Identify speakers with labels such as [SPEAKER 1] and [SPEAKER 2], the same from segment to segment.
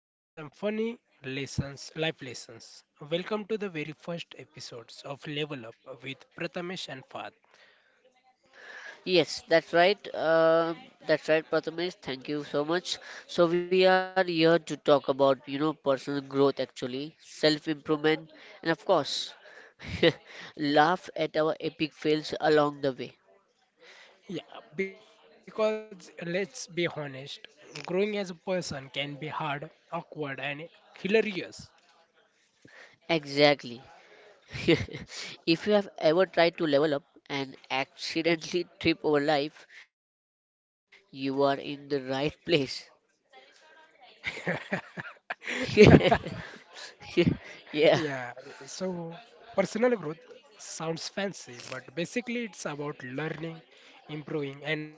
[SPEAKER 1] and some funny lessons, life lessons. Welcome to the very first episodes of Level Up with Prathamesh and Fad.
[SPEAKER 2] Yes, that's right. That's right, Prathamesh. Thank you so much. So we are here to talk about you know personal growth, actually, self improvement, and of course, laugh at our epic fails along the way.
[SPEAKER 1] Yeah, because let's be honest, growing as a person can be hard, awkward and hilarious.
[SPEAKER 2] Exactly. If you have ever tried to level up and accidentally trip over life, you are in the right place. Yeah.
[SPEAKER 1] Yeah, so personal growth sounds fancy, but basically it's about learning,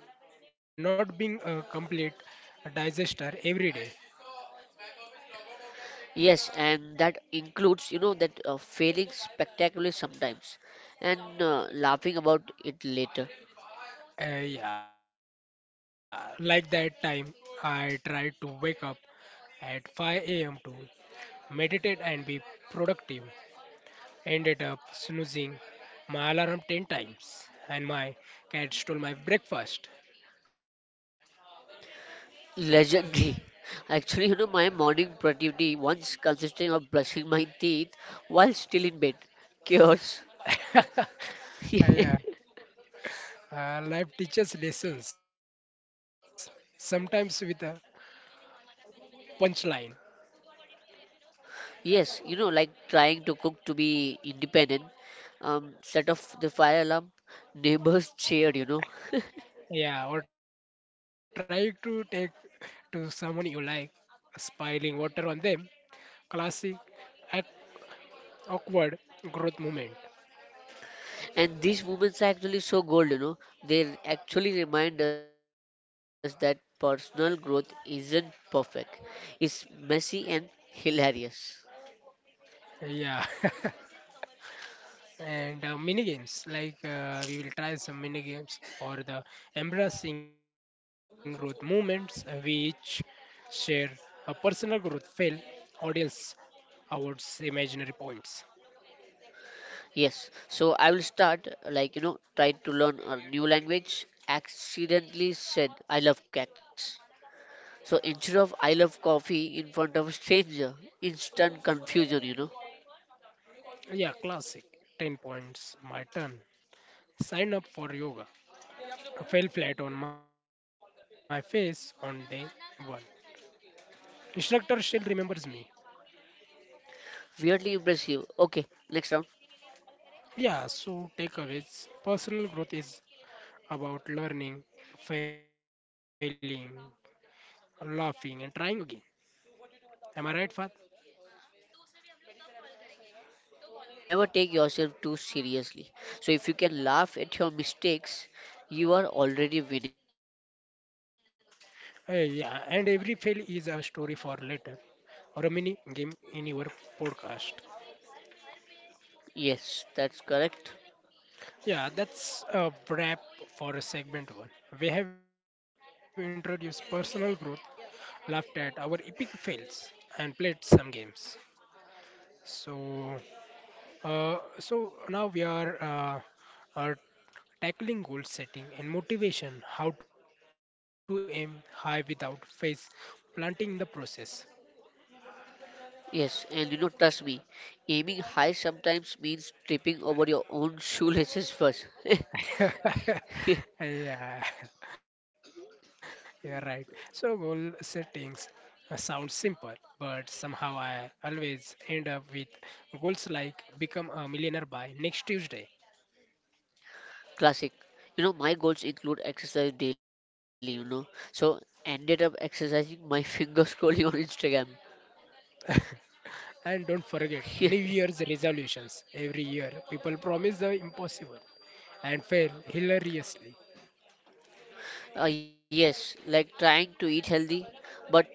[SPEAKER 1] improving, and not being a complete digester every day.
[SPEAKER 2] Yes, and that includes, you know, that failing spectacularly sometimes and laughing about it later.
[SPEAKER 1] Yeah, like that time I tried to wake up at 5 a.m. to meditate and be productive. Ended up snoozing my alarm 10 times, and my cat stole my breakfast.
[SPEAKER 2] Legendary. Actually, you know, my morning productivity once consisted of brushing my teeth while still in bed. Chaos.
[SPEAKER 1] Yeah. Life teaches lessons, sometimes with a punchline.
[SPEAKER 2] Yes, you know, like trying to cook to be independent. Set off the fire alarm. Neighbors cheered, you know.
[SPEAKER 1] Yeah, or try to take to someone you like, spilling water on them. Classy ac- awkward growth moment.
[SPEAKER 2] And these moments are actually so gold, you know. They actually remind us that personal growth isn't perfect, it's messy and hilarious.
[SPEAKER 1] Yeah. And mini games like we will try some mini games or the embracing growth moments which share a personal growth fail audience awards imaginary points.
[SPEAKER 2] Yes, so I will start like you know, trying to learn a new language. Accidentally said, I love cats. So instead of I love coffee in front of a stranger, instant confusion, you know.
[SPEAKER 1] Yeah, classic. 10 points, my turn. Sign up for yoga. Fell flat on my face on day 1. Instructor still remembers me.
[SPEAKER 2] Weirdly impressive. Okay, next round.
[SPEAKER 1] Yeah, so takeaways, personal growth is about learning, failing, laughing, and trying again. Am I right, Fat?
[SPEAKER 2] Yes, yes, yes, you're absolutely right. And you know, never take yourself too seriously. So if you can laugh at your mistakes, you are already winning.
[SPEAKER 1] Yeah, and every fail is a story for later or a mini game in your podcast.
[SPEAKER 2] Yes, that's correct.
[SPEAKER 1] Yeah, that's a wrap for segment one. We have introduced personal growth, laughed at our epic fails, and played some games. So, so now we are tackling goal setting and motivation, how to aim high without face planting in the process.
[SPEAKER 2] Yes, and you know, trust me, aiming high sometimes means tripping over your own shoelaces first.
[SPEAKER 1] Yeah, you're right. So goal settings sound simple, but somehow I always end up with goals like become a millionaire by next Tuesday.
[SPEAKER 2] Classic. You know, my goals include exercise daily, you know. So ended up exercising my finger scrolling on Instagram.
[SPEAKER 1] And don't forget New Year's resolutions. Every year, people promise the impossible and fail hilariously.
[SPEAKER 2] Yes, like trying to eat healthy, but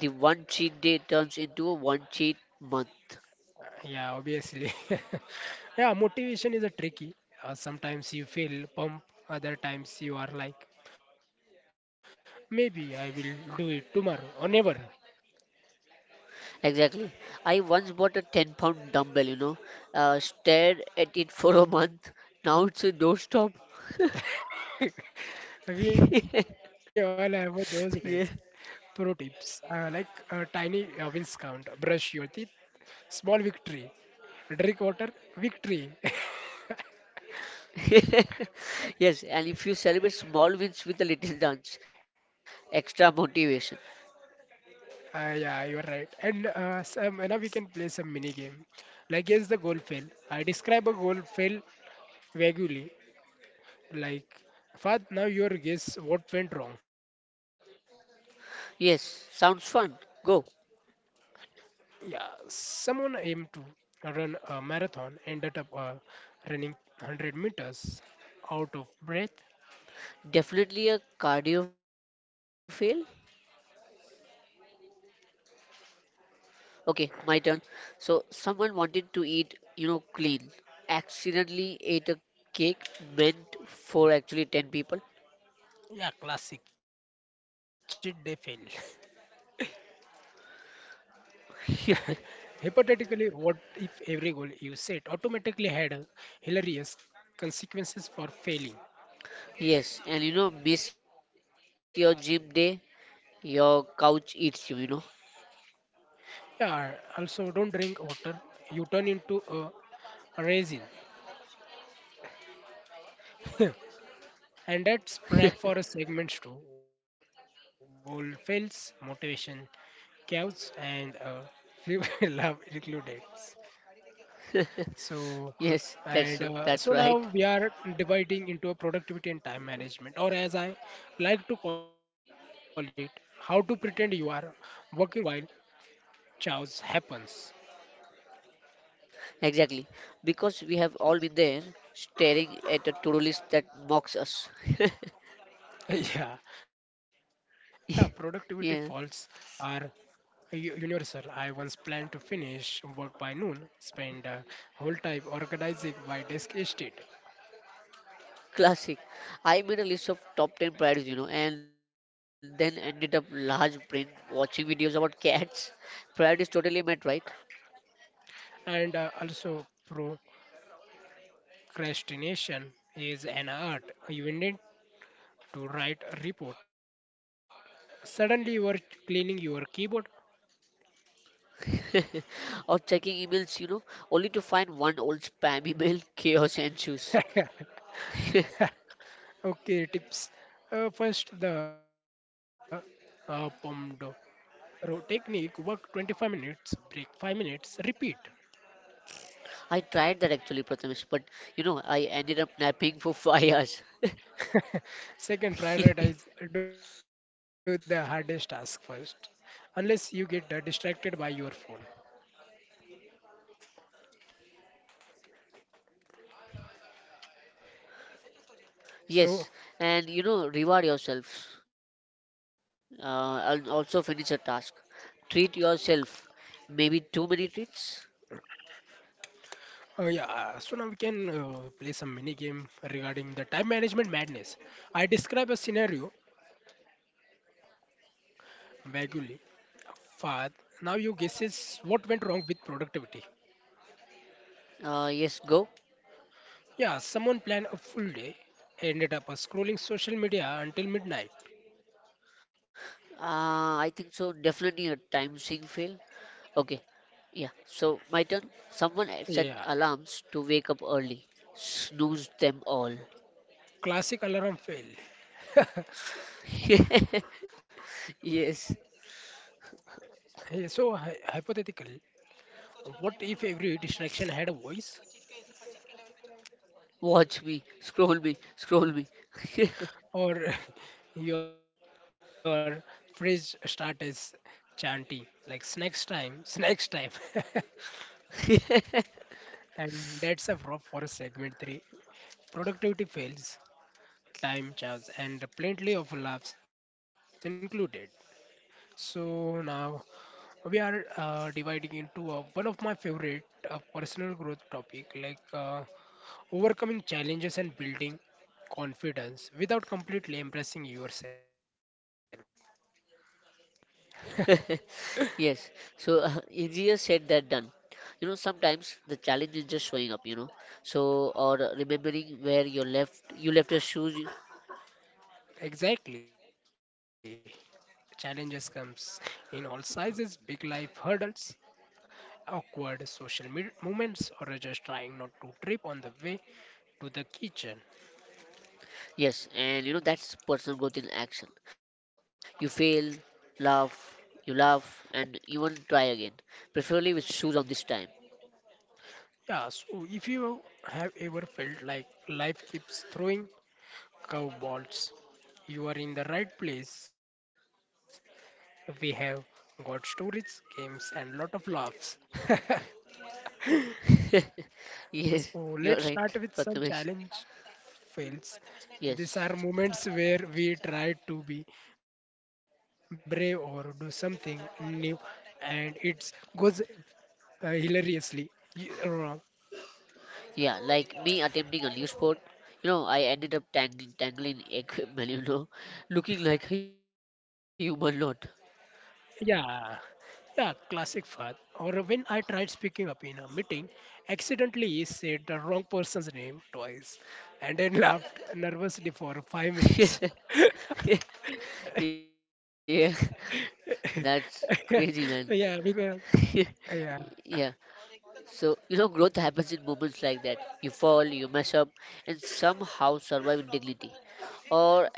[SPEAKER 2] the one cheat day turns into a one cheat month.
[SPEAKER 1] Yeah, obviously. yeah, motivation is a tricky. Sometimes you feel pump, other times you are like, maybe I will do it tomorrow or never.
[SPEAKER 2] Exactly. I once bought a 10 pound dumbbell, you know, stared at it for a month. Now it's a doorstop.
[SPEAKER 1] We all have those days. Pro
[SPEAKER 2] Yeah.
[SPEAKER 1] tips, tiny wins count, brush your teeth, small victory, drink water, victory.
[SPEAKER 2] Yes, and if you celebrate small wins with a little dance, extra motivation.
[SPEAKER 1] Yeah, you are right. And now we can play some mini game. Like, guess the goal fail. I describe a goal fail vaguely. Like, Fad, now your guess what went wrong.
[SPEAKER 2] Yes, sounds fun. Go.
[SPEAKER 1] Yeah, someone aimed to run a marathon, ended up running 100 meters out of breath.
[SPEAKER 2] Definitely a cardio fail. Okay, my turn. So someone wanted to eat, you know, clean. Accidentally ate a cake meant for actually 10 people.
[SPEAKER 1] Yeah, classic cheat day fail. Hypothetically, what if every goal you set automatically had a hilarious consequences for failing?
[SPEAKER 2] Yes, and you know, miss your gym day, your couch eats you, you know.
[SPEAKER 1] Yeah, also don't drink water. You turn into a raisin. And that's prep for a segment too. Goal fails, motivation caves, and a few love included.
[SPEAKER 2] Yes, that's
[SPEAKER 1] So,
[SPEAKER 2] that's right.
[SPEAKER 1] and so now we are dividing into a productivity and time management, or as I like to call it, how to pretend you are working while chaos happens.
[SPEAKER 2] Exactly. Because we have all been there staring at a to-do list that mocks us.
[SPEAKER 1] Yeah, yeah,
[SPEAKER 2] Yeah.
[SPEAKER 1] productivity faults are universal. I once planned to finish work by noon, spend whole time organizing my desk instead,
[SPEAKER 2] Classic. I made a list of top 10 priorities, you know, and then ended up large print watching videos about cats. Priorities totally met, right?
[SPEAKER 1] and also procrastination is an art. You need to write a report. Suddenly you are cleaning your keyboard.
[SPEAKER 2] Or checking emails, you know, only to find one old spam email, chaos ensues.
[SPEAKER 1] Okay, tips. First, the Pomodoro technique work 25 minutes, break 5 minutes, repeat.
[SPEAKER 2] I tried that actually, Prathamesh, but you know, I ended up napping for 5 hours.
[SPEAKER 1] Second, prioritize, do the hardest task first, unless you get distracted by your phone. So,
[SPEAKER 2] Yes, and you know, reward yourself and also finish a task. Treat yourself. Maybe too many treats?
[SPEAKER 1] yeah, so now we can play some mini game regarding the time management madness. I describe a scenario vaguely, Fahad, now you guesses what went wrong with productivity.
[SPEAKER 2] Yes, go.
[SPEAKER 1] Yeah, someone planned a full day, ended up scrolling social media until midnight.
[SPEAKER 2] I think so. Definitely a time sync fail. Okay. Yeah. So my turn. Someone
[SPEAKER 1] Yeah,
[SPEAKER 2] had set alarms to wake up early. Snooze them all.
[SPEAKER 1] classic alarm fail.
[SPEAKER 2] Yes.
[SPEAKER 1] Yeah, so hypothetical, what if every distraction had a voice
[SPEAKER 2] Watch me. Scroll me. Scroll me.
[SPEAKER 1] or your fridge start as chanting like snacks time, snacks time. And that's a wrap for segment 3. Productivity fails, time, jazz, and plenty of laughs included. So now we are dividing into one of my favorite personal growth topic, like overcoming challenges and building confidence without completely embracing yourself.
[SPEAKER 2] Yes. So easier said than done. You know, sometimes the challenge is just showing up. You know, so or remembering where you left your shoes.
[SPEAKER 1] Exactly. Challenges comes in all sizes, big life hurdles, awkward social moments, or just trying not to trip on the way to the kitchen.
[SPEAKER 2] Yes, and you know that's personal growth in action. You fail, laugh, you laugh, and even try again, preferably with shoes on this time.
[SPEAKER 1] Yeah, so if you have ever felt like life keeps throwing curveballs, you are in the right place. We have got stories, games, and lot of laughs.
[SPEAKER 2] Yes, you're
[SPEAKER 1] So
[SPEAKER 2] right,
[SPEAKER 1] let's
[SPEAKER 2] Prathamesh.
[SPEAKER 1] start with some challenge
[SPEAKER 2] Yes,
[SPEAKER 1] fails. These are moments where we try to be brave or do something new, and it goes hilariously wrong.
[SPEAKER 2] yeah, like me attempting a new sport. You know, I ended up tangling equipment. You know, looking like a human lot.
[SPEAKER 1] Yeah, yeah, classic fad. Or when I tried speaking up in a meeting, accidentally said the wrong person's name twice and then laughed nervously for 5 minutes.
[SPEAKER 2] Yeah, that's crazy, man.
[SPEAKER 1] yeah, because,
[SPEAKER 2] Yeah,
[SPEAKER 1] yeah,
[SPEAKER 2] so, you know, growth happens in moments like that. You fall, you mess up, and somehow survive with dignity.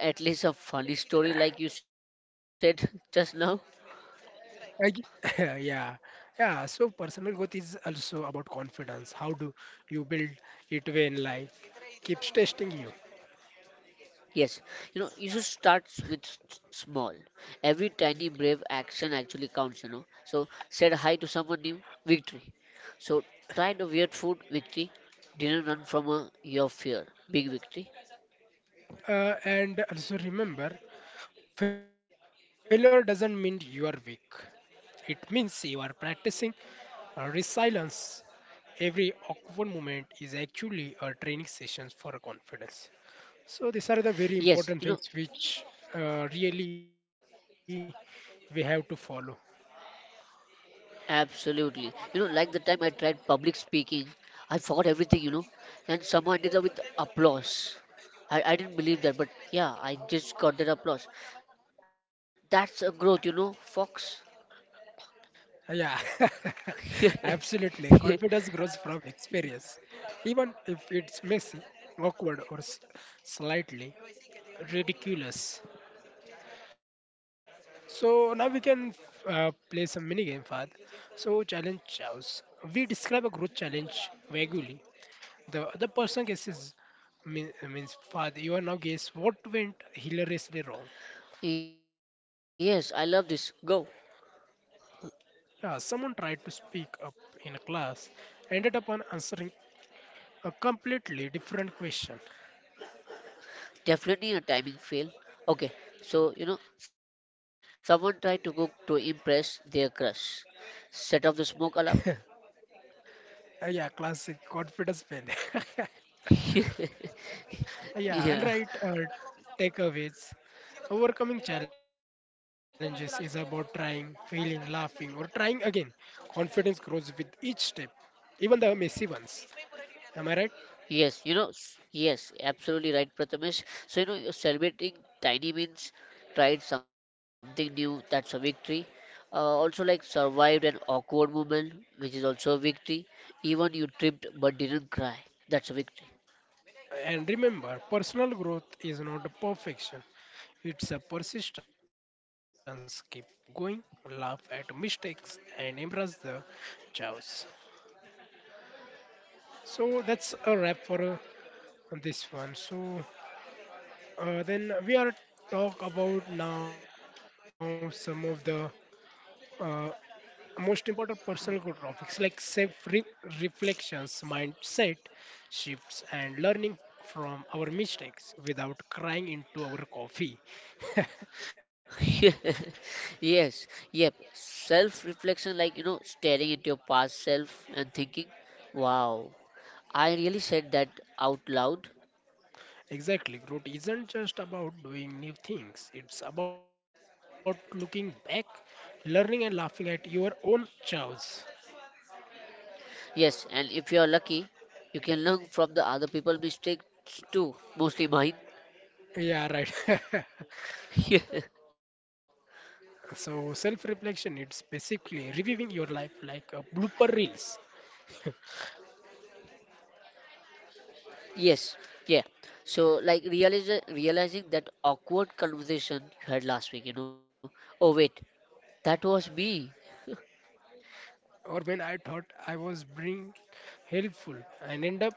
[SPEAKER 2] Or at least a funny story, like you said just now.
[SPEAKER 1] I g- yeah, yeah. So personal growth is also about confidence. How do you build it when life keeps testing you?
[SPEAKER 2] Yes, you know, you should start s- with small. Every tiny brave action actually counts, you know. So, said hi to someone new, victory. So, tried a weird food, victory. Didn't run from a, your fear, big victory.
[SPEAKER 1] And also remember, failure doesn't mean you are weak. It means you are practicing resilience. Every awkward moment is actually a training session for confidence. So these are the
[SPEAKER 2] Yes, you
[SPEAKER 1] very
[SPEAKER 2] know,
[SPEAKER 1] important things which really we have to follow.
[SPEAKER 2] absolutely. You know, like the time I tried public speaking, I forgot everything, you know, and somehow ended up with applause. I didn't believe that, but yeah, I just got that applause. That's a growth, you know, Fox.
[SPEAKER 1] Yeah, absolutely. Confidence grows from experience. Even if it's messy, awkward, or slightly ridiculous. So now we can play some mini game, Fad. So challenge house. We describe a growth challenge vaguely. The other person guesses, mean, means Fad. You are now guess what went hilariously wrong.
[SPEAKER 2] Yes, I love this. Go.
[SPEAKER 1] Yeah, someone tried to speak up in a class, ended up on answering a completely different question.
[SPEAKER 2] Definitely a timing fail. Okay, so you know, someone tried to cook to impress their crush. Set off the smoke alarm.
[SPEAKER 1] Yeah, classic confidence fail. Yeah,
[SPEAKER 2] Yeah.
[SPEAKER 1] all right. Takeaways. Overcoming challenges is about trying, failing, laughing, or trying again. Confidence grows with each step, even the messy ones. Am I right?
[SPEAKER 2] Yes, yes, absolutely right, Prathamesh. So, you know, celebrating tiny wins, tried something new, that's a victory. Also, like, survived an awkward moment, which is also a victory. Even you tripped but didn't cry, that's a victory.
[SPEAKER 1] And remember, personal growth is not a perfection, it's a persistence. Keep going, laugh at mistakes, and embrace the chaos. So that's a wrap for this one. So then we are talk about now some of the uh, most important personal growth topics like self reflections, mindset shifts, and learning from our mistakes without crying into our coffee.
[SPEAKER 2] Yes, yep. Self reflection, like, you know, staring into your past self and thinking, wow, I really said that out loud.
[SPEAKER 1] Exactly, growth isn't just about doing new things, it's about looking back, learning, and laughing at your own chows.
[SPEAKER 2] Yes, and if you are lucky, you can learn from the other people' mistakes too, mostly mine.
[SPEAKER 1] Yeah, right.
[SPEAKER 2] Yeah.
[SPEAKER 1] So, self reflection, it's basically reviewing your life like a blooper reels.
[SPEAKER 2] Yes, yeah. So, like realizing that awkward conversation you had last week, you know. Oh wait, that was me.
[SPEAKER 1] Or when I thought I was being helpful and end up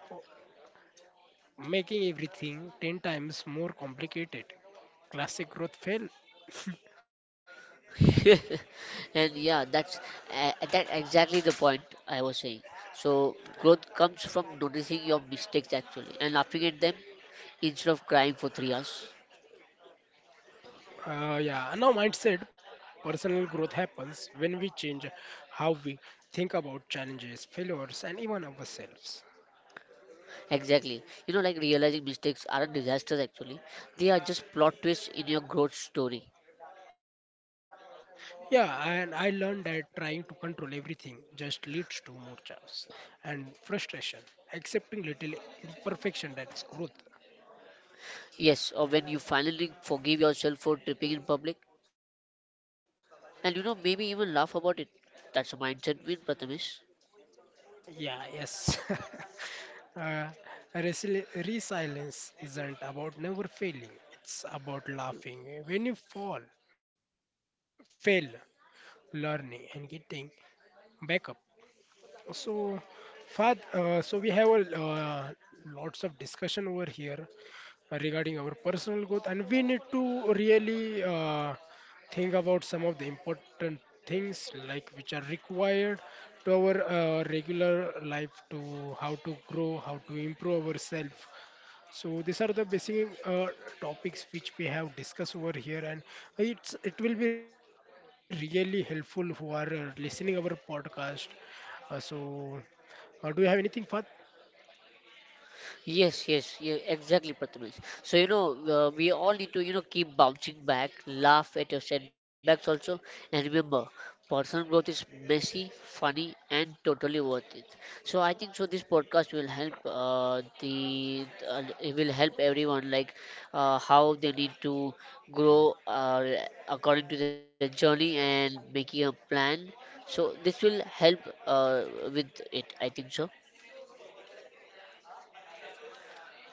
[SPEAKER 1] making everything 10 times more complicated. Classic growth fail.
[SPEAKER 2] And yeah, that's that exactly the point I was saying. So, growth comes from noticing your mistakes actually and laughing at them instead of crying for 3 hours.
[SPEAKER 1] Yeah, now mindset personal growth happens when we change how we think about challenges, failures, and even ourselves.
[SPEAKER 2] Exactly. You know, like realizing mistakes aren't disasters actually, they are just plot twists in your growth story.
[SPEAKER 1] Yeah, and I learned that trying to control everything just leads to more chaos and frustration. Accepting little imperfection, that's growth.
[SPEAKER 2] Yes, or when you finally forgive yourself for tripping in public, and you know, maybe even laugh about it. That's a mindset win, Prathamesh.
[SPEAKER 1] Yeah, yes. uh, Resilience isn't about never failing, it's about laughing when you fall, fail, learning, and getting back up. So, Fad, so we have a lots of discussion over here regarding our personal growth and we need to really think about some of the important things like which are required to our regular life to how to grow, how to improve ourselves, so these are the basic topics which we have discussed over here and it will be really helpful who are listening our podcast. uh, so do you have anything, Fat?
[SPEAKER 2] Yes, yes, yeah, exactly, Prathamesh. So, you know, we all need to, you know, keep bouncing back, laugh at your setbacks also, and remember, personal growth is messy, funny, and totally worth it. So, I think so. This podcast will help the it will help everyone like how they need to grow according to their journey and making a plan. So, this will help uh, with it. I think so.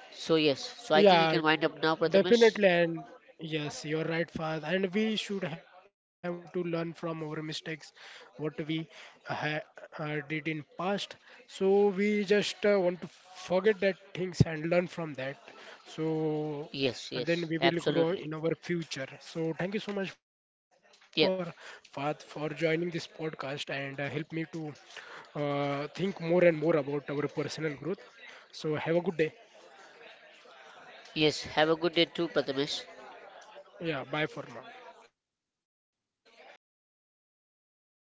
[SPEAKER 2] So yes, so I
[SPEAKER 1] Yeah,
[SPEAKER 2] think we can wind up now,
[SPEAKER 1] definitely,
[SPEAKER 2] Prathamesh.
[SPEAKER 1] and yes, you're right, Fahad. And we should have to learn from our mistakes, what we ha did in past. So we just want to forget that things and learn from that. So and
[SPEAKER 2] Yes,
[SPEAKER 1] then we
[SPEAKER 2] yes,
[SPEAKER 1] will grow in
[SPEAKER 2] absolutely.
[SPEAKER 1] our future. So thank you so much for
[SPEAKER 2] Yeah,
[SPEAKER 1] Fahad for joining this podcast and help me to think more and more about our personal growth. So have a good day.
[SPEAKER 2] yes. Have a good day too, Prathamesh.
[SPEAKER 1] Yeah, bye for now.